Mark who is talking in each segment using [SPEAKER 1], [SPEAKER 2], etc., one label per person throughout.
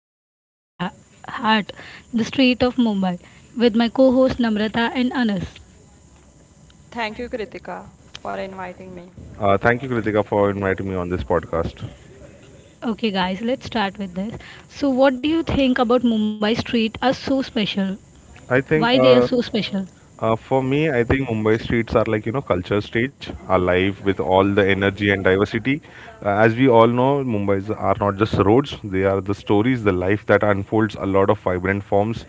[SPEAKER 1] every Mumbaiker's heart, the street of Mumbai, with my co-host Namrata and Anas.
[SPEAKER 2] Thank you, Kritika, for inviting me.
[SPEAKER 3] Thank you, Kritika, for inviting me on this podcast.
[SPEAKER 1] Okay guys, let's start with this. So what do you think about Mumbai street are so special?
[SPEAKER 3] I think
[SPEAKER 1] Why they are so special?
[SPEAKER 3] for me, I think Mumbai streets are like, you know, culture stage, alive with all the energy and diversity. As we all know, Mumbai's are not just roads, they are the stories, the life that unfolds a lot of vibrant forms.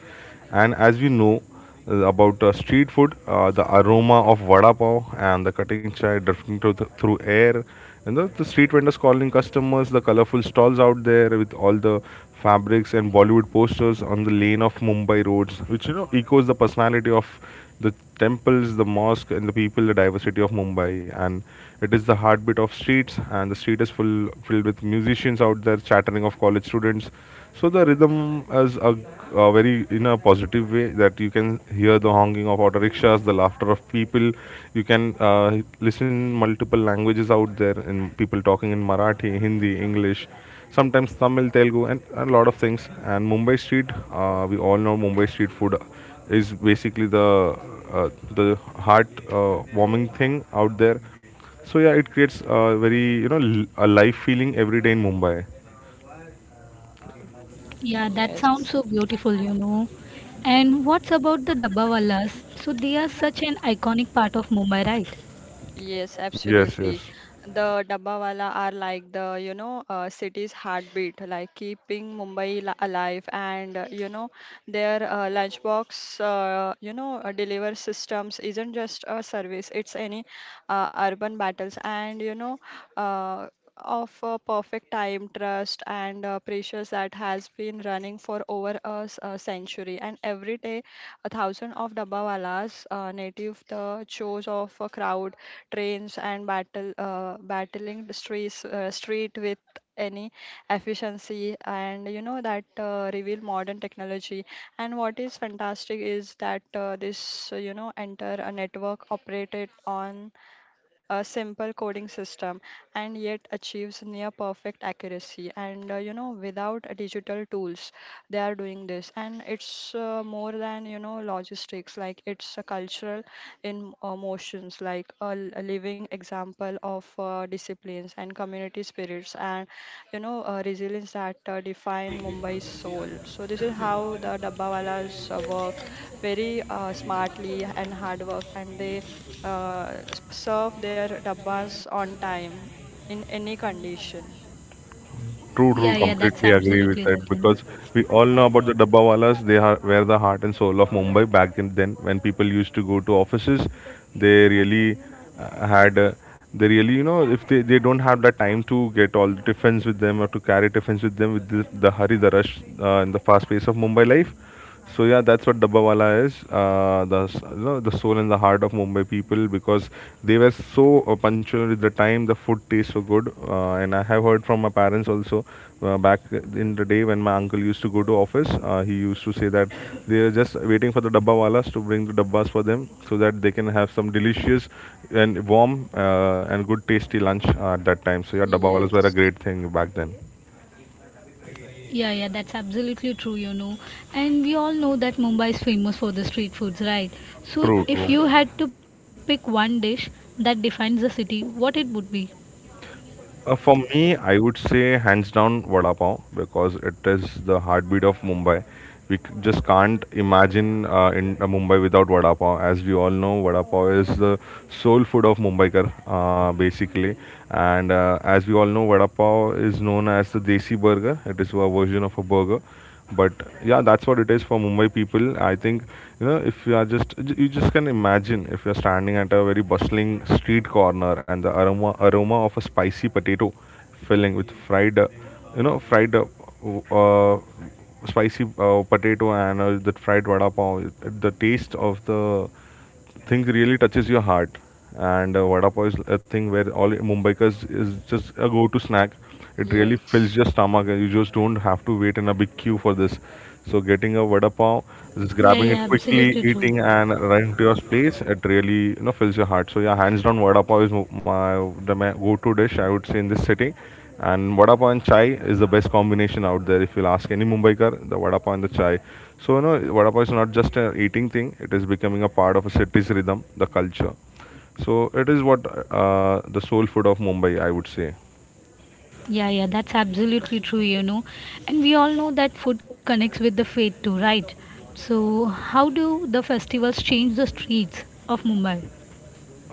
[SPEAKER 3] And as we know about street food, the aroma of vada pav and the cutting chai drifting through air, and the street vendors calling customers, the colorful stalls out there with all the fabrics and Bollywood posters on the lane of Mumbai roads, which you know echoes the personality of the temples, the mosque, and the people, the diversity of Mumbai. And it is the heartbeat of streets, and the street is full filled with musicians out there chattering of college students. So the rhythm is a very in a positive way that you can hear the honking of auto rickshaws, the laughter of people. You can listen multiple languages out there, and people talking in Marathi, Hindi, English, sometimes Tamil, Telugu, and a lot of things. And Mumbai street, we all know Mumbai street food is basically the uh, the heart warming thing out there. So yeah, it creates a very a life feeling every day in Mumbai.
[SPEAKER 1] Yeah, that sounds
[SPEAKER 2] Yes.
[SPEAKER 1] so beautiful. And what's about the Dabbawalas? So they are such an iconic part of Mumbai, right?
[SPEAKER 2] Yes,
[SPEAKER 3] Yes, yes.
[SPEAKER 2] absolutely. The Dabbawala are like the, city's heartbeat, like keeping Mumbai alive. And, you know, their lunchbox, deliver systems isn't just a service, it's any urban battles. And, you know, uh, of a perfect time, trust, and precious that has been running for over a century. And every day, a thousand of Dabbawalas native the chose of a crowd trains and battle battling the street with any efficiency and you know that reveal modern technology. And what is fantastic is that this you know enter a network operated on a simple coding system, and yet achieves near perfect accuracy and you know without digital tools they are doing this. And it's more than you know logistics, like it's a cultural in motions, like a living example of disciplines and community spirits and you know resilience that define Mumbai's soul. So this is how the Dabbawalas work very smartly and hard work, and they serve their dabbas on time in any condition.
[SPEAKER 3] True,
[SPEAKER 1] Yeah,
[SPEAKER 3] true.
[SPEAKER 1] yeah, that's
[SPEAKER 3] Completely agree
[SPEAKER 1] absolutely
[SPEAKER 3] with
[SPEAKER 1] right,
[SPEAKER 3] that
[SPEAKER 1] you know.
[SPEAKER 3] because we all know about the dabbawalas. Were the heart and soul of Mumbai back in then. When people used to go to offices, they really had. They really, you know, if they, they don't have the time to get all the tiffins with them or to carry tiffins with them with the hurry, the rush, and the fast pace of Mumbai life, so yeah, that's what Dabbawala is. You know, the soul and the heart of Mumbai people because they were so punctual with the time. The food tastes so good, and I have heard from my parents also back in the day when my uncle used to go to office. He used to say that they are just waiting for the Dabbawalas to bring the dabbas for them so that they can have some delicious and warm and good tasty lunch at that time. So yeah, Dabbawalas were a
[SPEAKER 2] yes
[SPEAKER 3] great thing back then.
[SPEAKER 1] Yeah, yeah, that's absolutely true. And we all know that Mumbai is famous for the street foods, right? So,
[SPEAKER 3] True,
[SPEAKER 1] if
[SPEAKER 3] true.
[SPEAKER 1] you had to pick one dish that defines the city, what it would be?
[SPEAKER 3] For me, I would say hands down vada pav because it is the heartbeat of Mumbai. Just can't imagine in Mumbai without vada pav. As we all know, vada pav is the soul food of Mumbaikar, basically. And as we all know, vada pav is known as the desi burger. It is a version of a burger, but yeah, that's what it is for Mumbai people, I think. You know, if you are you just can imagine if you're standing at a very bustling street corner and the aroma of a spicy potato filling with fried you know, fried uh, spicy potato and the fried vada pav, the taste of the thing really touches your heart. And vada pav is a thing where all Mumbaikas is just a go-to snack. It really
[SPEAKER 2] yes
[SPEAKER 3] fills your stomach. You just don't have to wait in a big queue for this. So getting a vada pav, just
[SPEAKER 1] Yeah,
[SPEAKER 3] grabbing
[SPEAKER 1] yeah,
[SPEAKER 3] it quickly,
[SPEAKER 1] absolutely true.
[SPEAKER 3] eating and running to your place, it really you know fills your heart. So yeah, hands down, vada pav is my go-to dish, I would say, in this city, and vada pav and chai is the best combination out there. If you'll ask any Mumbaikar, the vada pav and the chai. So you know, vada pav is not just an eating thing; it is becoming a part of a city's rhythm, the culture. So it is what the soul food of Mumbai, I would say.
[SPEAKER 1] Yeah, yeah, that's absolutely true. And we all know that food connects with the faith too, right? So, how do the festivals change the streets of Mumbai?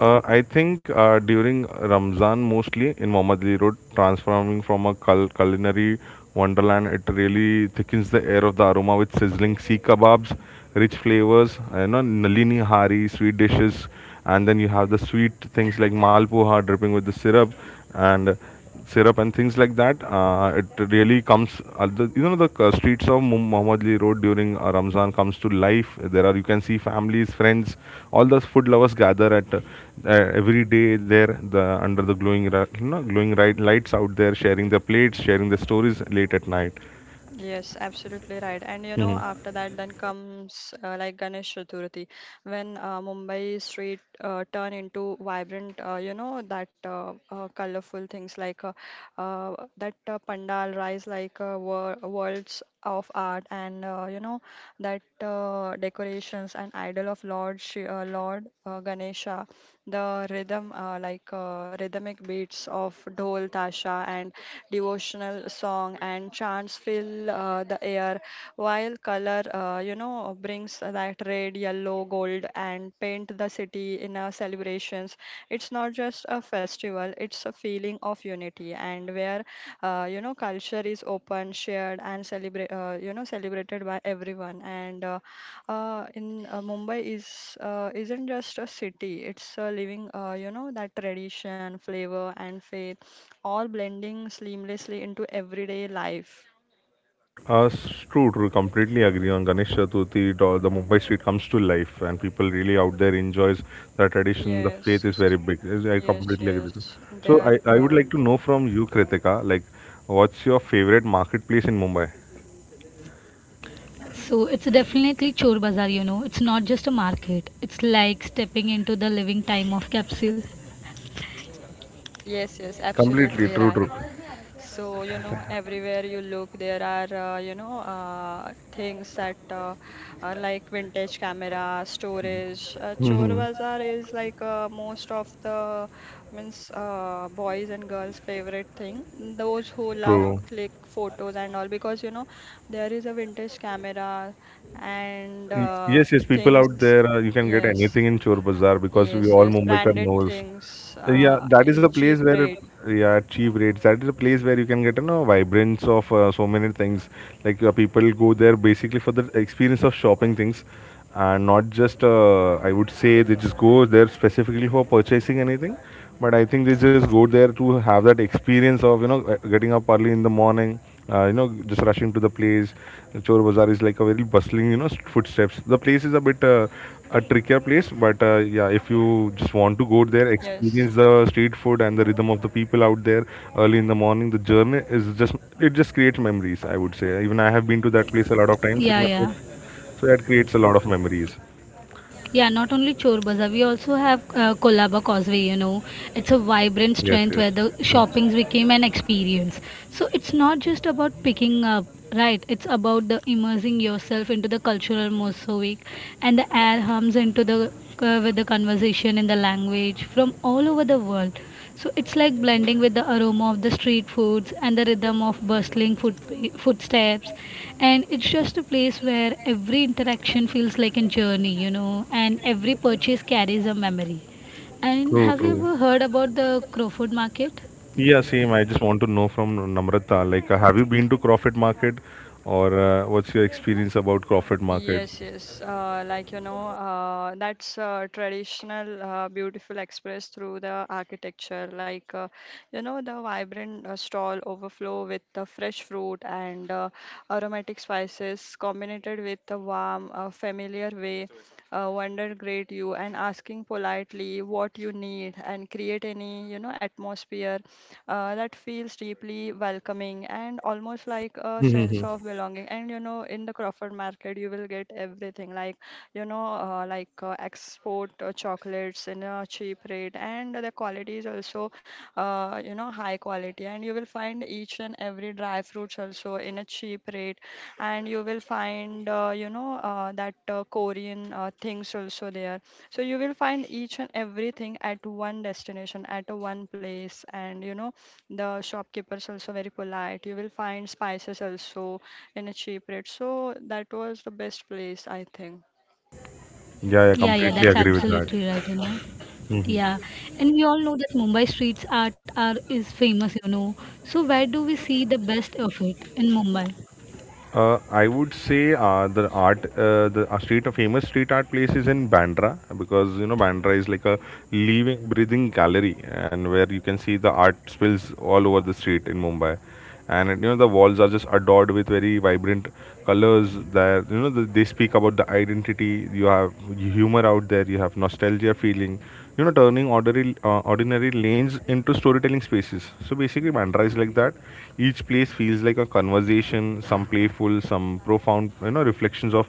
[SPEAKER 3] I think during Ramzan, mostly in Mohammadi Road, transforming from a culinary wonderland, it really thickens the air of the aroma with sizzling sea kebabs, rich flavors, you know, nalini hari, sweet dishes, and then you have the sweet things like malpuha dripping with the syrup, and syrup and things like that. It really comes, you know, the streets of Mohammedli Road during Ramzan comes to life. There are, you can see families, friends, all those food lovers gather at uh, every day there under the you know, glowing lights out there, sharing their plates, sharing their stories late at night.
[SPEAKER 2] Yes, absolutely right. And you know, after that, then comes like Ganesh Chaturthi, when Mumbai street turn into vibrant, you know, that colorful things like that pandal rise like worlds of art, and you know that decorations and idol of Lord Ganesha, the rhythmic beats of dhol, tasha, and devotional song and chants fill the air, while color you know brings that red, yellow, gold, and paint the city in our celebrations. It's not just a festival, it's a feeling of unity, and where you know culture is open, shared, and celebrate you know celebrated by everyone. And in Mumbai is isn't just a city, it's a living you know that tradition, flavor, and faith all blending seamlessly into everyday life.
[SPEAKER 3] Uh, True, true. Completely agree on Ganesh Chaturthi. It The Mumbai street comes to life, and people really out there enjoys the tradition. The
[SPEAKER 2] Yes,
[SPEAKER 3] faith is very big. I
[SPEAKER 2] yes,
[SPEAKER 3] completely agree with you.
[SPEAKER 2] yes. They
[SPEAKER 3] So
[SPEAKER 2] are
[SPEAKER 3] I would
[SPEAKER 2] the
[SPEAKER 3] like to know from you, Kritika, like, what's your favorite marketplace in Mumbai?
[SPEAKER 1] So it's definitely Chor Bazaar. It's not just a market. It's like stepping into the living time of capsule.
[SPEAKER 2] yes, yes,
[SPEAKER 3] Completely
[SPEAKER 2] absolutely
[SPEAKER 3] true,
[SPEAKER 2] right.
[SPEAKER 3] true.
[SPEAKER 2] So, you know, everywhere you look, there are, things that are like vintage camera, storage. Chor
[SPEAKER 3] Hmm.
[SPEAKER 2] Bazaar is like most of the means boys and girls' favorite thing. Those who love
[SPEAKER 3] True.
[SPEAKER 2] click photos and all because, you know, there is a vintage camera and
[SPEAKER 3] Yes, yes, people
[SPEAKER 2] things.
[SPEAKER 3] out there, you can get
[SPEAKER 2] Yes,
[SPEAKER 3] anything in Chor Bazaar because we
[SPEAKER 2] yes,
[SPEAKER 3] all
[SPEAKER 2] yes.
[SPEAKER 3] Mumbaikar
[SPEAKER 2] Branded
[SPEAKER 3] knows.
[SPEAKER 2] things
[SPEAKER 3] Yeah, that is
[SPEAKER 2] in
[SPEAKER 3] a
[SPEAKER 2] cheap
[SPEAKER 3] place where,
[SPEAKER 2] rate.
[SPEAKER 3] it- yeah, at cheap rates. That is a place where you can get, you know, vibrance of so many things. Like people go there basically for the experience of shopping things, and not just, I would say, they just go there specifically for purchasing anything. But I think they just go there to have that experience of, you know, getting up early in the morning, you know, just rushing to the place. Chor Bazaar is like a very bustling, you know, footsteps. The place is a bit a trickier place, but yeah, if you just want to go there,
[SPEAKER 2] Yes.
[SPEAKER 3] experience the street food and the rhythm of the people out there early in the morning, the journey is just, it just creates memories, I would say. Even I have been to that place a lot of times with
[SPEAKER 1] Yeah,
[SPEAKER 3] my
[SPEAKER 1] yeah.
[SPEAKER 3] friends, so that creates a lot of memories.
[SPEAKER 1] Yeah, not only Chor Bazaar, we also have Kolaba Causeway. It's a vibrant
[SPEAKER 3] Yes,
[SPEAKER 1] strength
[SPEAKER 3] yes.
[SPEAKER 1] where the shoppings became an experience. So it's not just about picking up, right? It's about the immersing yourself into the cultural mosaic and the air hums into the with the conversation in the language from all over the world. So it's like blending with the aroma of the street foods and the rhythm of bustling footsteps. And it's just a place where every interaction feels like a journey, and every purchase carries a memory. And
[SPEAKER 3] True,
[SPEAKER 1] have you
[SPEAKER 3] true.
[SPEAKER 1] ever heard about the Crowfoot Market?
[SPEAKER 3] Yeah, same. I just want to know from Namrata, like, have you been to Crawford Market, or what's your experience about Crawford Market?
[SPEAKER 2] Yes, yes. Like you know, that's traditional, beautiful expressed through the architecture. Like you know, the vibrant stall overflow with the fresh fruit and aromatic spices, combined with the warm, familiar way. Wonder greet you and asking politely what you need and create any you know atmosphere that feels deeply welcoming and almost like a sense
[SPEAKER 3] Mm-hmm.
[SPEAKER 2] of belonging. And you know, in the Crawford Market, you will get everything like you know, like export chocolates in a cheap rate, and the quality is also you know high quality. And you will find each and every dry fruits also in a cheap rate, and you will find you know that Korean things also there. So you will find each and everything at one destination, at a one place, and you know the shopkeepers also very polite. You will find spices also in a cheap rate. So that was the best place, I think.
[SPEAKER 3] Yeah, I
[SPEAKER 1] Yeah, yeah,
[SPEAKER 3] completely
[SPEAKER 1] that's
[SPEAKER 3] agree with that.
[SPEAKER 1] absolutely right.
[SPEAKER 3] Mm-hmm.
[SPEAKER 1] Yeah, and we all know that Mumbai streets art are is famous. So where do we see the best of it in Mumbai?
[SPEAKER 3] I would say the art, the street, a famous street art place is in Bandra, because you know Bandra is like a living, breathing gallery, and where you can see the art spills all over the street in Mumbai, and you know the walls are just adorned with very vibrant colors. There, you know they speak about the identity. You have humor out there. You have nostalgia feeling, you know, turning ordinary lanes into storytelling spaces. So basically Mantra is like that, each place feels like a conversation, some playful, some profound, you know, reflections of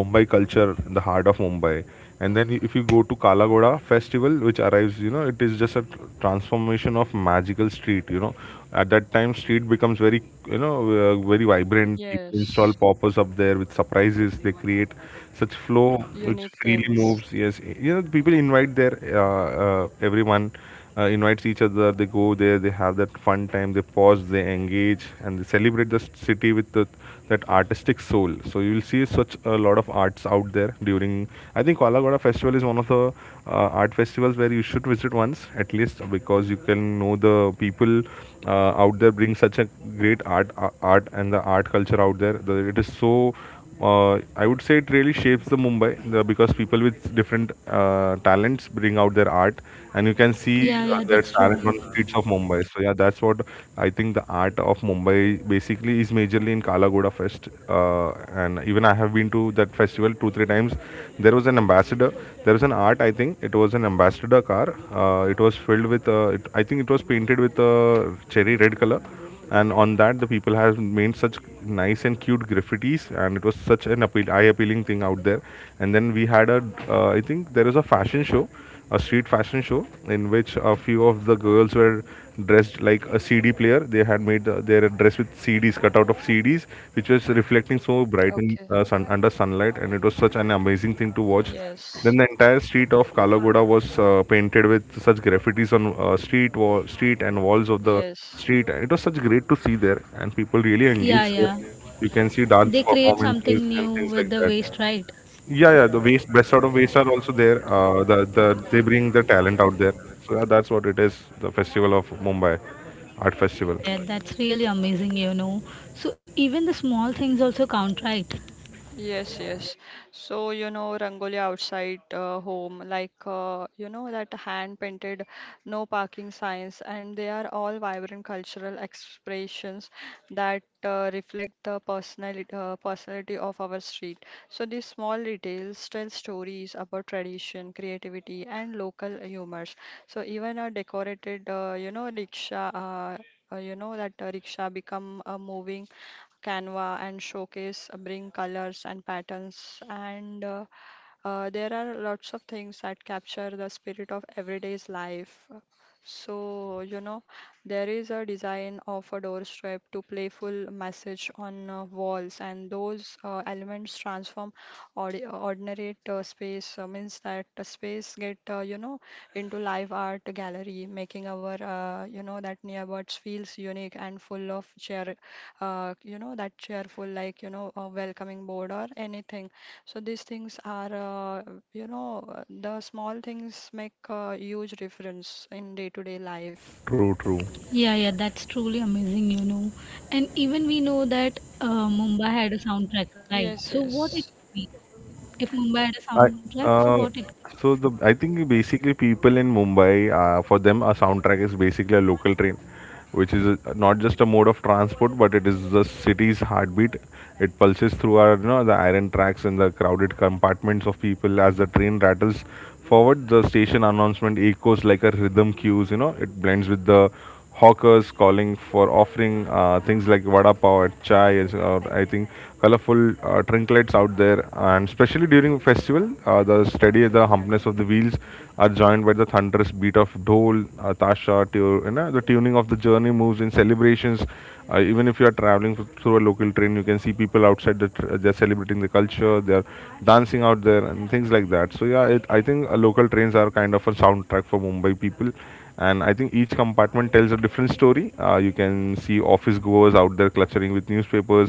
[SPEAKER 3] Mumbai culture, the heart of Mumbai. And then if you go to Kalagoda Festival, which arrives, you know, it is just a transformation of magical street, you know. At that time street becomes very, you know, very vibrant. People install
[SPEAKER 2] Yes,
[SPEAKER 3] poppers up there with surprises, they create such flow which
[SPEAKER 2] unique
[SPEAKER 3] freely
[SPEAKER 2] things.
[SPEAKER 3] moves. Yes, you know, that people invite their everyone, invites each other. They go there. They have that fun time. They pause. They engage, and they celebrate the city with that artistic soul. So you will see such a lot of arts out there during. I think Koalagoda Festival is one of the art festivals where you should visit once at least, because you can know the people out there bring such a great art, art and the art culture out there. It is so I would say it really shapes the Mumbai because people with different talents bring out their art, and you can see
[SPEAKER 1] Yeah, yeah,
[SPEAKER 3] their
[SPEAKER 1] that's
[SPEAKER 3] talent on
[SPEAKER 1] true.
[SPEAKER 3] the streets of Mumbai. So yeah, that's what I think the art of Mumbai basically is majorly in Kala Ghoda Fest, and even I have been to that festival 2 or 3 times. There was an ambassador. There was an art. I think it was an ambassador car. It was filled with. I think it was painted with cherry red color, and on that the people have made such nice and cute graffitis, and it was such an appeal eye appealing thing out there. And then we had a I think there was a fashion show, a street fashion show in which a few of the girls were dressed like a CD player. They had made their dress with CDs, cut out of CDs, which was reflecting so bright in
[SPEAKER 2] Okay.
[SPEAKER 3] under sunlight, and it was such an amazing thing to watch.
[SPEAKER 2] Yes.
[SPEAKER 3] Then the entire street of Kalagoda was painted with such graffitis on street and walls of the
[SPEAKER 2] Yes.
[SPEAKER 3] street. And it was such great to see there, and people really
[SPEAKER 1] Yeah,
[SPEAKER 3] engaged there.
[SPEAKER 1] yeah.
[SPEAKER 3] You can see dance
[SPEAKER 1] They create
[SPEAKER 3] performances
[SPEAKER 1] something
[SPEAKER 3] and
[SPEAKER 1] new
[SPEAKER 3] things
[SPEAKER 1] with
[SPEAKER 3] like
[SPEAKER 1] the
[SPEAKER 3] that.
[SPEAKER 1] waste, right?
[SPEAKER 3] Yeah, yeah, the waste, best out of waste are also there. They bring the talent out there. So that's what it is, the festival of Mumbai, art festival.
[SPEAKER 1] Yeah, that's really amazing so even the small things also count, right?
[SPEAKER 2] Yes, yes. So, you know, Rangoli outside home, like, you know, that hand painted no parking signs, and they are all vibrant cultural expressions that reflect the personality of our street. So, these small details tell stories about tradition, creativity, and local humors. So, even a decorated, you know, rickshaw. You know that rickshaw become a moving canva and showcase bring colors and patterns and there are lots of things that capture the spirit of everyday's life. So, you know, there is a design of a doorstep to playful message on walls, and those elements transform ordinary space. Means that the space get you know into live art gallery, making our you know that nearbuds feels unique and full of cheer. You know that cheerful like you know a welcoming board or anything, so these things are, the small things make a huge difference in day-to-day life.
[SPEAKER 3] True, true.
[SPEAKER 1] Yeah, yeah, that's truly amazing and even we know that Mumbai had a soundtrack, right?
[SPEAKER 2] Yes,
[SPEAKER 1] So what it
[SPEAKER 2] yes,
[SPEAKER 1] would be if Mumbai had a
[SPEAKER 3] I
[SPEAKER 1] soundtrack, so what
[SPEAKER 3] uh,
[SPEAKER 1] it.
[SPEAKER 3] so the I think basically people in Mumbai, for them a soundtrack is basically a local train, which is not just a mode of transport, but it is the city's heartbeat. It pulses through our, you know, the iron tracks and the crowded compartments of people as the train rattles forward. The station announcement echoes like a rhythm cues. You know, it blends with the hawkers calling for offering things like vada pav and chai, or I think colorful trinkets out there, and especially during festival, the humpness of the wheels are joined by the thunderous beat of dhol, you know, the tuning of the journey moves in celebrations. Uh, even if you are traveling through a local train, you can see people outside that they're celebrating the culture, they're dancing out there and things like that. So yeah, I think local trains are kind of a soundtrack for Mumbai people, and I think each compartment tells a different story. You can see office goers out there cluttering with newspapers,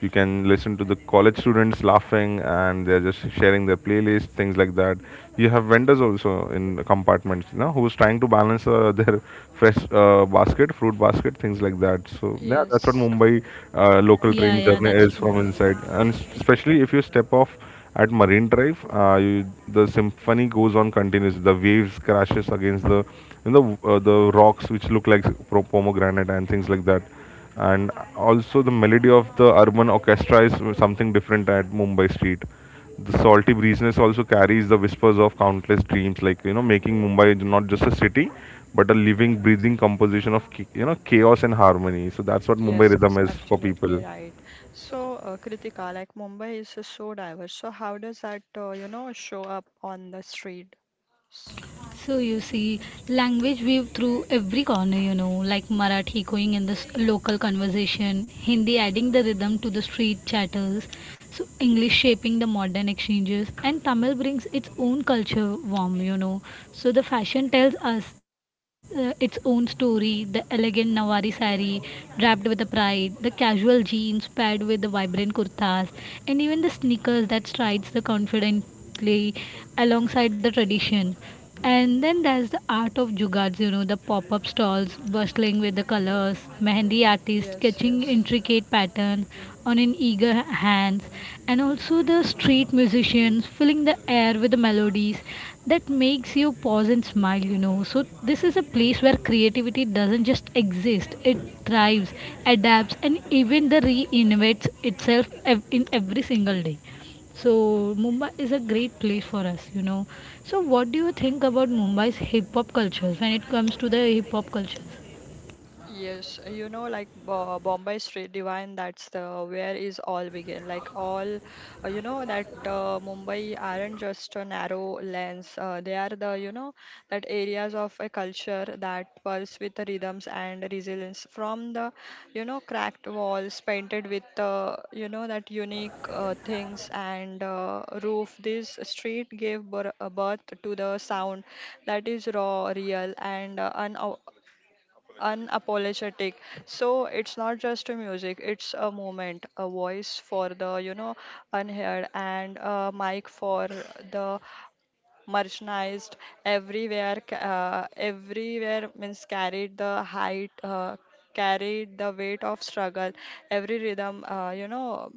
[SPEAKER 3] you can listen to the college students laughing, and they're just sharing their playlist, things like that. You have vendors also in compartments, you know, who's trying to balance their fresh basket fruit basket, things like that. So yeah, that's what
[SPEAKER 2] yes,
[SPEAKER 3] Mumbai local
[SPEAKER 1] Yeah,
[SPEAKER 3] train
[SPEAKER 1] yeah,
[SPEAKER 3] journey
[SPEAKER 1] that's
[SPEAKER 3] is from
[SPEAKER 1] true.
[SPEAKER 3] inside. And especially if you step off at Marine Drive, the symphony goes on continuously. The waves crashes against the, you know, the rocks which look like pomegranate and things like that. And also the melody of the urban orchestra is something different at Mumbai street. The salty breeziness also carries the whispers of countless dreams, like, you know, making Mumbai not just a city, but a living, breathing composition of you know, chaos and harmony. So that's what Mumbai
[SPEAKER 2] yes,
[SPEAKER 3] rhythm
[SPEAKER 2] yes,
[SPEAKER 3] is for people.
[SPEAKER 2] absolutely right. So, Kritika, like Mumbai is so diverse. So, how does that, you know, show up on the street? S-
[SPEAKER 1] So you see, language weave through every corner, like Marathi going in this local conversation, Hindi adding the rhythm to the street chatters, so English shaping the modern exchanges, and Tamil brings its own culture warm. So the fashion tells us its own story. The elegant Nawari sari draped with the pride, the casual jeans paired with the vibrant kurtas, and even the sneakers that strides the confidently alongside the tradition. And then there's the art of jugads, the pop up stalls bustling with the colors, mehendi artists
[SPEAKER 2] Yes,
[SPEAKER 1] sketching
[SPEAKER 2] yes.
[SPEAKER 1] intricate patterns on an eager hands, and also the street musicians filling the air with the melodies that makes you pause and smile. So, this is a place where creativity doesn't just exist, it thrives, adapts, and even the reinvents itself in every single day. So Mumbai is a great place for us. So what do you think about Mumbai's hip hop cultures when it comes to the hip hop cultures?
[SPEAKER 2] Yes, you know, like Bombay Street Divine, that's the where is all begin. Like all, you know, that Mumbai aren't just a narrow lens. They are the, you know, that areas of a culture that pulse with the rhythms and resilience from the, you know, cracked walls painted with you know, that unique things and roof. This street gave birth to the sound that is raw, real, and unapologetic. So it's not just a music, it's a moment, a voice for the you know unheard, and a mic for the marginalized. Everywhere means carried the height carried the weight of struggle. Every rhythm you know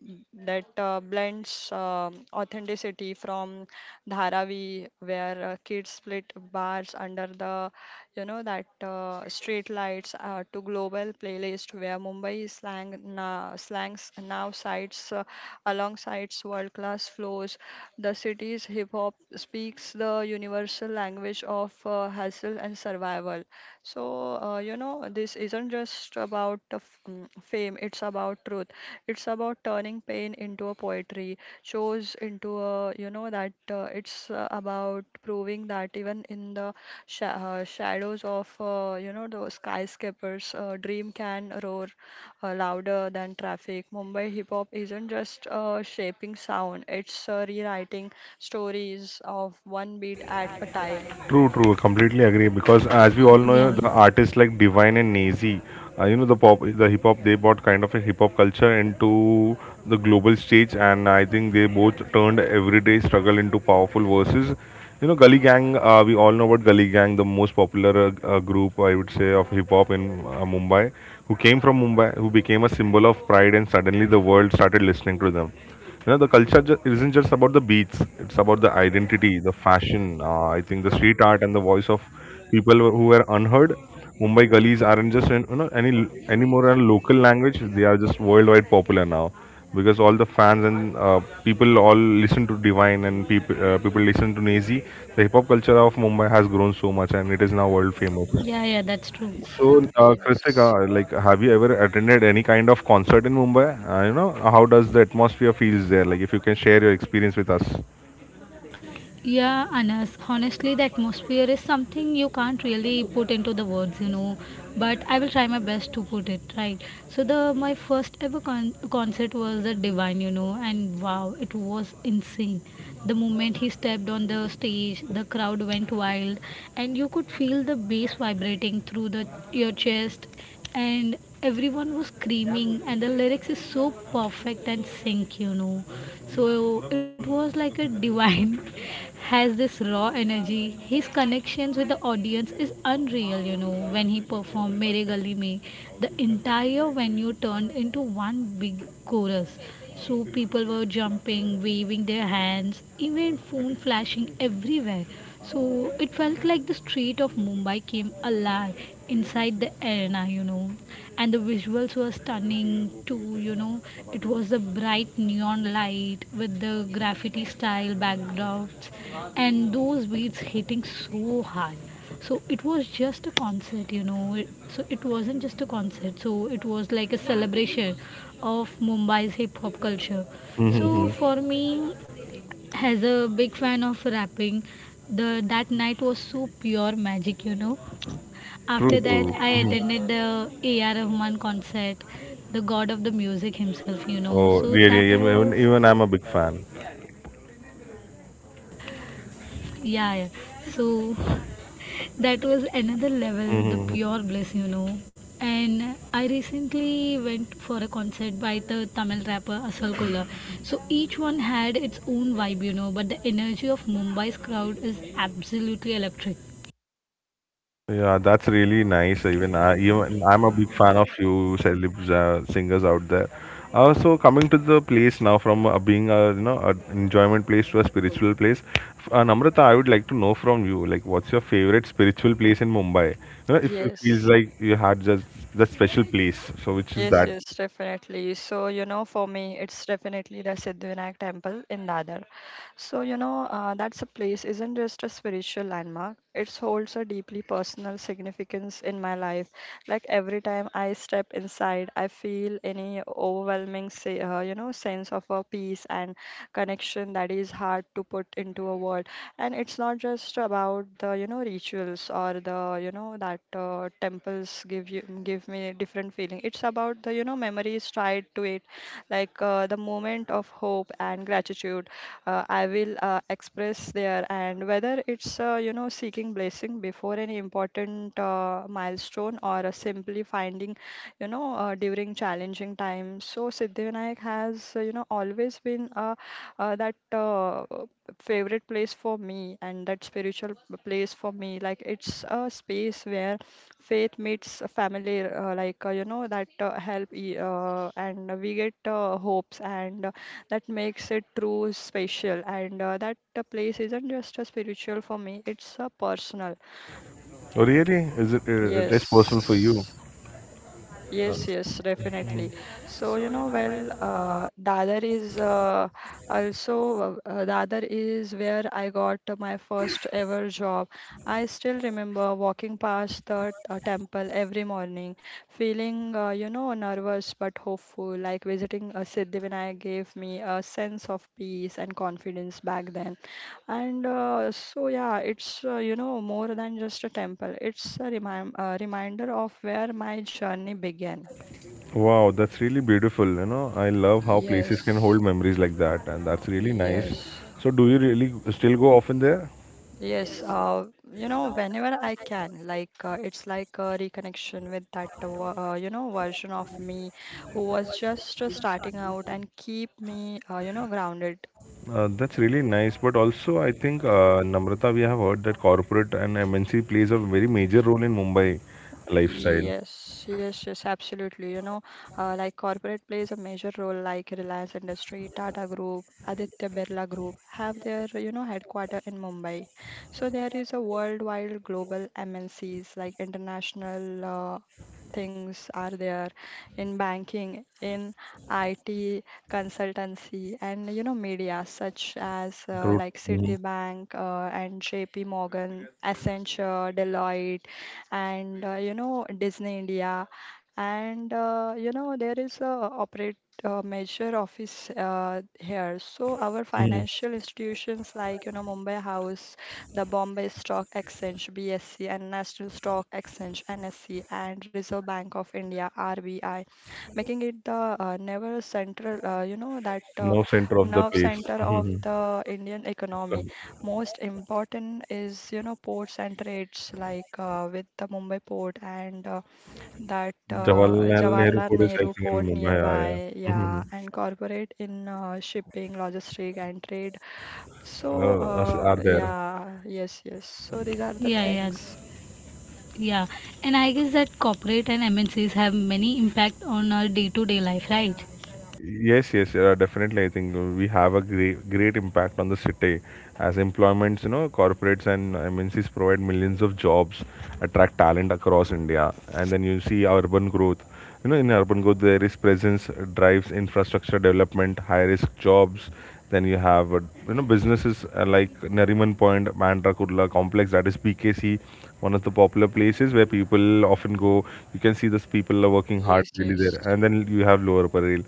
[SPEAKER 2] that blends authenticity from Dharavi where kids split bars under the you know that street lights, to global playlist where Mumbai slangs now sites alongside world class flows. The city's hip hop speaks the universal language of hustle and survival. So you know this isn't just about fame; it's about truth. It's about turning pain into a poetry, shows into a you know that it's about proving that even in the shadows of you know the skyscrapers, dream can roar louder than traffic. Mumbai hip hop isn't just shaping sound, it's rewriting stories of one beat at a time.
[SPEAKER 3] True, true, completely agree. Because as we all know,
[SPEAKER 1] Yeah,
[SPEAKER 3] the artists like Divine and Nazy, you know, the hip hop, they brought kind of a hip hop culture into the global stage, and I think they both turned everyday struggle into powerful verses. You know, Gully Gang. We all know about Gully Gang, the most popular group, I would say, of hip hop in Mumbai, who came from Mumbai, who became a symbol of pride, and suddenly the world started listening to them. You know, the culture isn't just about the beats, it's about the identity, the fashion, I think the street art and the voice of people who were unheard. Mumbai gullies aren't just in, you know, anymore a local language, they are just worldwide popular now, because all the fans and, people all listen to Divine, and people listen to Nazi. The hip hop culture of Mumbai has grown so much, and it is now world famous.
[SPEAKER 1] yeah, yeah, that's true.
[SPEAKER 3] So,
[SPEAKER 2] yes
[SPEAKER 3] Kritika, like, have you ever attended any kind of concert in Mumbai? You know, how does the atmosphere feels there? Like, if you can share your experience with us.
[SPEAKER 1] Yeah, Anas, honestly, the atmosphere is something you can't really put into the words, but I will try my best to put it right. So, the my first ever concert was the Divine, and wow, it was insane. The moment he stepped on the stage, the crowd went wild, and you could feel the bass vibrating through the your chest, and everyone was screaming, and the lyrics is so perfect and sync so it was like a Divine has this raw energy. His connections with the audience is unreal, you know when he performed Mere Gali Mein, the entire venue turned into one big chorus. So people were jumping, waving their hands, even phone flashing everywhere. So it felt like the street of Mumbai came alive inside the arena. And the visuals were stunning too. It was the bright neon light with the graffiti style backdrops, and those beats hitting so hard. So it was just a concert So it wasn't just a concert. So it was like a celebration of Mumbai's hip hop culture. So
[SPEAKER 3] Mm-hmm.
[SPEAKER 1] for me, as a big fan of rapping, the that night was so pure magic
[SPEAKER 3] True,
[SPEAKER 1] after
[SPEAKER 3] true.
[SPEAKER 1] that, I
[SPEAKER 3] Mhm.
[SPEAKER 1] attended the AR Rahman concert, the god of the music himself.
[SPEAKER 3] Oh,
[SPEAKER 1] So
[SPEAKER 3] really?
[SPEAKER 1] that
[SPEAKER 3] Even,
[SPEAKER 1] was.
[SPEAKER 3] I'm a big fan.
[SPEAKER 1] Yeah, yeah. So that was another level, the pure bliss. And I recently went for a concert by the Tamil rapper Asal Kola. So each one had its own vibe, but the energy of Mumbai's crowd is absolutely electric.
[SPEAKER 3] Yeah, that's really nice. Even I, even I'm a big fan of few celebs, singers out there. So coming to the place now, from being a, you know, an enjoyment place to a spiritual place, Namrata, I would like to know from you, like, what's your favorite spiritual place in Mumbai? You know, if it feels
[SPEAKER 2] yes
[SPEAKER 3] like you had just that special place, so which is
[SPEAKER 2] Yes,
[SPEAKER 3] that?
[SPEAKER 2] yes, definitely. So, you know, for me, it's definitely the Siddhivinayak temple in Dadar. So, you know, that's a place isn't just a spiritual landmark. It holds a deeply personal significance in my life. Like every time I step inside, I feel any overwhelming, say, you know, sense of a peace and connection that is hard to put into a word. And it's not just about the you know rituals or the you know that temples give you give me different feeling. It's about the you know memories tied to it, like the moment of hope and gratitude I will express there. And whether it's you know seeking blessing before any important milestone or simply finding you know during challenging times, so Siddhivinayak has you know always been that favorite place for me and that spiritual place for me. Like it's a space where faith meets a family, you know that and we get hopes and that makes it true special. And that place isn't just a spiritual for me, it's a personal.
[SPEAKER 3] Oh, really? Is it? It is personal for you?
[SPEAKER 2] yes Yes, yes, definitely. So, you know, well, Dadar is also, Dadar is where I got my first ever job. I still remember walking past the temple every morning, feeling, you know, nervous but hopeful, like visiting Siddhivinayak gave me a sense of peace and confidence back then. And so, yeah, it's, you know, more than just a temple, it's a reminder of where my journey began.
[SPEAKER 3] Wow, that's really beautiful. You know, I love how places can
[SPEAKER 2] Yes,
[SPEAKER 3] hold memories like that, and that's really nice.
[SPEAKER 2] yes,
[SPEAKER 3] So, do you really still go often there?
[SPEAKER 2] yes. You know, whenever I can, like it's like a reconnection with that, you know, version of me who was just starting out and keep me, you know, grounded.
[SPEAKER 3] That's really nice. But also, I think, Namrata, we have heard that corporate and MNC plays a very major role in Mumbai lifestyle.
[SPEAKER 2] Yes, yes, yes, absolutely. You know, like corporate plays a major role, like Reliance Industry, Tata Group, Aditya Birla Group have their, you know, headquarter in Mumbai. So there is a worldwide global MNCs, like international things are there in banking, in IT, consultancy, and, you know, media such as
[SPEAKER 3] True.
[SPEAKER 2] like Citibank and JP Morgan, Accenture, Deloitte, and you know Disney India, and you know there is a operate major office here. So our
[SPEAKER 3] Mhm.
[SPEAKER 2] financial institutions like you know Mumbai House, the Bombay Stock Exchange (BSE) and National Stock Exchange (NSE) and Reserve Bank of India (RBI), making it the never central, you know, that
[SPEAKER 3] No, center of the
[SPEAKER 2] nerve
[SPEAKER 3] place.
[SPEAKER 2] center of
[SPEAKER 3] Mhm.
[SPEAKER 2] the Indian economy. Most important is, you know, ports and trades, like with the Mumbai port and that
[SPEAKER 3] Jawaharlal Nehru
[SPEAKER 2] Jawaharlal
[SPEAKER 3] Kodes, I
[SPEAKER 2] Nehru
[SPEAKER 3] think, in
[SPEAKER 2] port
[SPEAKER 3] Mumbai. Yeah, yeah.
[SPEAKER 2] nearby,
[SPEAKER 3] Mhm.
[SPEAKER 2] yeah, and corporate in shipping, logistic, and trade. So,
[SPEAKER 3] Are there?
[SPEAKER 2] yes, yes. So these are
[SPEAKER 1] Yeah,
[SPEAKER 2] the
[SPEAKER 1] yeah,
[SPEAKER 2] things.
[SPEAKER 1] yeah. And I guess that corporate and MNCs have many impact on our day-to-day life, right?
[SPEAKER 3] Yes, yes, definitely. I think we have a great, great impact on the city. As employments, you know, corporates and MNCs provide millions of jobs, attract talent across India, and then you see urban growth. You know, in urban growth, there is presence drives infrastructure development, high risk jobs. Then you have, you know, businesses like Nariman Point, Mandra Kurla Complex, that is PKC, one of the popular places where people often go. You can see those people are working hard
[SPEAKER 2] Yes,
[SPEAKER 3] really there.
[SPEAKER 2] yes.
[SPEAKER 3] And then you have Lower Parel.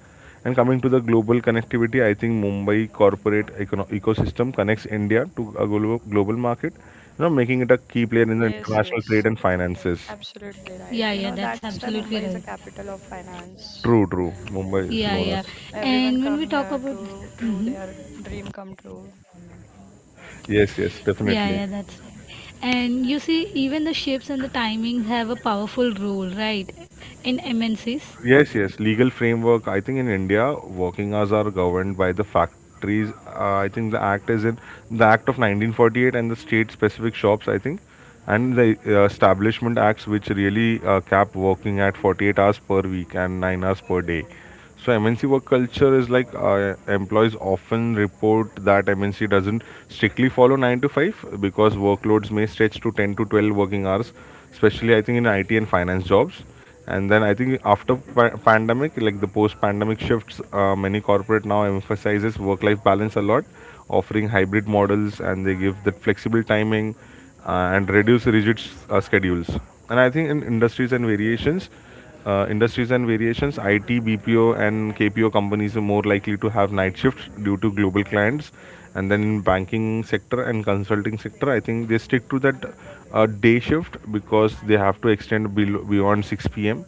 [SPEAKER 3] And coming to the global connectivity, I think Mumbai corporate ecosystem connects India to a global market, you know, making it a key player in the
[SPEAKER 2] Yes,
[SPEAKER 3] international trade
[SPEAKER 2] yes.
[SPEAKER 3] and finances.
[SPEAKER 2] Absolutely right.
[SPEAKER 1] Yeah,
[SPEAKER 2] You
[SPEAKER 1] yeah,
[SPEAKER 2] know,
[SPEAKER 1] that's
[SPEAKER 2] that's why Mumbai
[SPEAKER 1] absolutely
[SPEAKER 2] is a
[SPEAKER 1] right.
[SPEAKER 2] capital of finance.
[SPEAKER 3] True, true. Mumbai is
[SPEAKER 1] Yeah,
[SPEAKER 3] known as.
[SPEAKER 1] yeah.
[SPEAKER 2] Everyone
[SPEAKER 1] And when
[SPEAKER 2] come
[SPEAKER 1] we talk
[SPEAKER 2] here
[SPEAKER 1] about,
[SPEAKER 2] to through
[SPEAKER 1] mhm.
[SPEAKER 2] their dream come true.
[SPEAKER 3] Yes, yes,
[SPEAKER 1] Yeah, yeah,
[SPEAKER 3] definitely.
[SPEAKER 1] that's right. And you see, even the shifts and the timings have a powerful role, right? In MNCs.
[SPEAKER 3] Yes, yes. Legal framework. I think in India, working hours are governed by the factories. I think the act is in the Act of 1948 and the state-specific shops, I think, and the Establishment Acts, which really cap working at 48 hours per week and 9 hours per day. So MNC work culture is like, employees often report that MNC doesn't strictly follow 9 to 5 because workloads may stretch to 10 to 12 working hours, especially I think in IT and finance jobs. And then I think after pandemic, like the post pandemic shifts, many corporate now emphasizes work life balance a lot, offering hybrid models, and they give that flexible timing, and reduce rigid schedules. And I think in industries and variations, IT, BPO, and KPO companies are more likely to have night shifts due to global clients. And then in banking sector and consulting sector, I think they stick to that day shift because they have to extend beyond 6 p.m.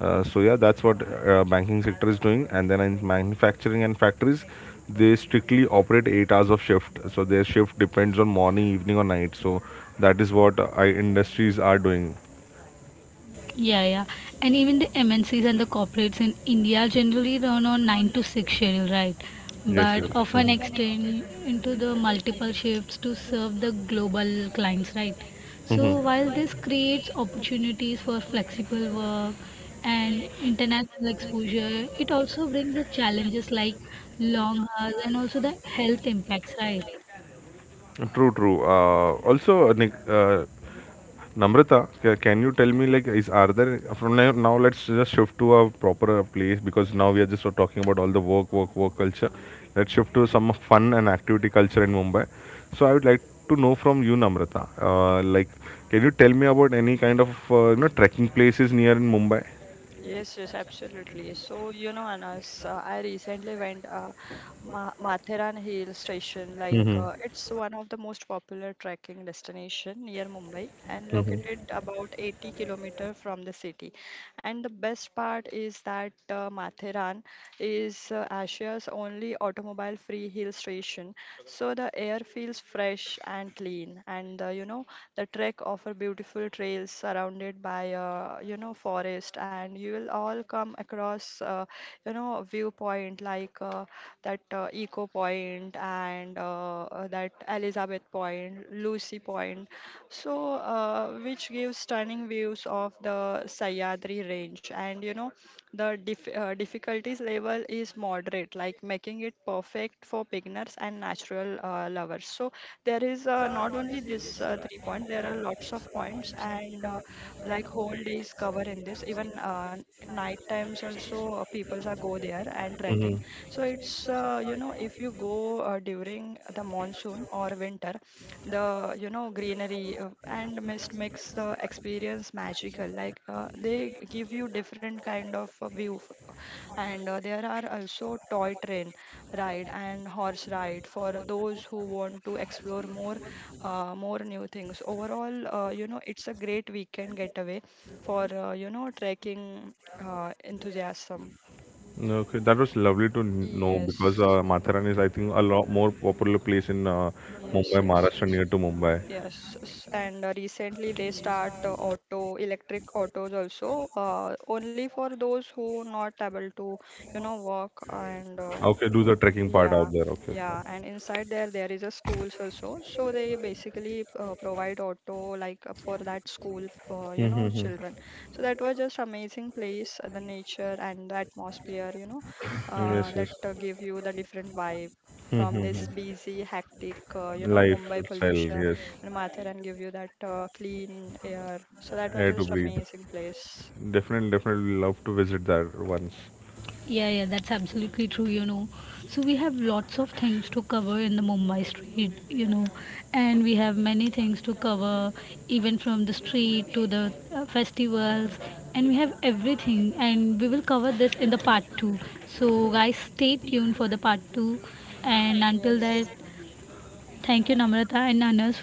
[SPEAKER 3] So yeah, that's what banking sector is doing. And then in manufacturing and factories, they strictly operate 8 hours of shift. So their shift depends on morning, evening, or night. So that is what, I industries are doing.
[SPEAKER 1] Yeah, yeah. And even the MNCs and the corporates in India generally run on 9 to 6 schedule, right?
[SPEAKER 3] Yes,
[SPEAKER 1] But often extend into the multiple shifts to serve the global clients, right? So while this creates opportunities for flexible work and international exposure, it also brings the challenges like long hours and also the health impacts, right?
[SPEAKER 3] true, true. Namrata, can you tell me like is are there from now let's just shift to a proper place, because now we are just talking about all the work culture. Let's shift to some fun and activity culture in Mumbai. So I would like to know from you, Namrata. Like, can you tell me about any kind of, you know, trekking places near in Mumbai?
[SPEAKER 2] Yes, yes, absolutely. So, you know, Anas, I recently went Ma Matheran Hill Station. Like, it's one of the most popular trekking destination near Mumbai and located about 80 km kilometer from the city. And the best part is that Matheran is Asia's only automobile-free hill station. So the air feels fresh and clean, and you know, the trek offer beautiful trails surrounded by you know forest, and you will all come across you know a viewpoint like that Eco Point and that Elizabeth Point, Lucy Point. So which gives stunning views of the Sayadri range, and you know the difficulties level is moderate, like making it perfect for beginners and natural lovers. So there is not only this three point, there are lots of points and like whole days cover in this, even night times also peoples are go there and
[SPEAKER 3] Mm-hmm.
[SPEAKER 2] trekking. So it's you know if you go during the monsoon or winter, the you know greenery and mist makes the experience magical, like they give you different kind of view. And there are also toy train ride and horse ride for those who want to explore more more new things. Overall you know it's a great weekend getaway for you know trekking enthusiasm.
[SPEAKER 3] No, okay, that was lovely to know, because
[SPEAKER 2] yes
[SPEAKER 3] Matharan is, I think, a lot more popular place in
[SPEAKER 2] yes
[SPEAKER 3] Mumbai,
[SPEAKER 2] yes
[SPEAKER 3] Maharashtra,
[SPEAKER 2] yes
[SPEAKER 3] near to Mumbai.
[SPEAKER 2] Yes, and recently they start auto electric autos also only for those who not able to you know walk and
[SPEAKER 3] Okay, do
[SPEAKER 2] uh,
[SPEAKER 3] the trekking part out
[SPEAKER 2] yeah.
[SPEAKER 3] there. Okay.
[SPEAKER 2] Yeah, and inside there there is a schools also, so they basically provide auto like for that school for
[SPEAKER 3] Okay.
[SPEAKER 2] you know
[SPEAKER 3] Mm-hmm.
[SPEAKER 2] children. So that was just amazing place, the nature and the atmosphere you know
[SPEAKER 3] Yes, yes.
[SPEAKER 2] that give you the different vibe from
[SPEAKER 3] Mm-hmm.
[SPEAKER 2] this busy hectic you know Mumbai
[SPEAKER 3] Lifestyle,
[SPEAKER 2] pollution,
[SPEAKER 3] yes.
[SPEAKER 2] and Mathur and give you that clean air. So that was
[SPEAKER 3] Air to
[SPEAKER 2] just
[SPEAKER 3] breathe.
[SPEAKER 2] amazing place.
[SPEAKER 3] Definitely, definitely love to visit there once.
[SPEAKER 1] Yeah, yeah, that's absolutely true. So we have lots of things to cover in the Mumbai street, and we have many things to cover, even from the street to the festivals, and we have everything, and we will cover this in the part two. So, guys, stay tuned for the part two, and until that,
[SPEAKER 2] Yes.
[SPEAKER 1] thank you, Namrata and Anas,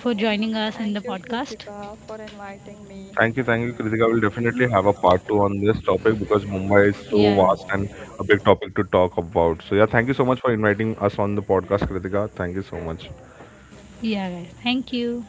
[SPEAKER 1] for joining us in the
[SPEAKER 2] Thank you,
[SPEAKER 1] podcast.
[SPEAKER 2] Kritika, for inviting me.
[SPEAKER 3] Thank you, Kritika. We'll definitely have a part two on this topic, because Mumbai is so
[SPEAKER 1] Yeah, yeah,
[SPEAKER 3] vast and a big topic to talk about. So yeah, thank you so much for inviting us on the podcast, Kritika. Thank you so much.
[SPEAKER 1] yeah, guys, thank you.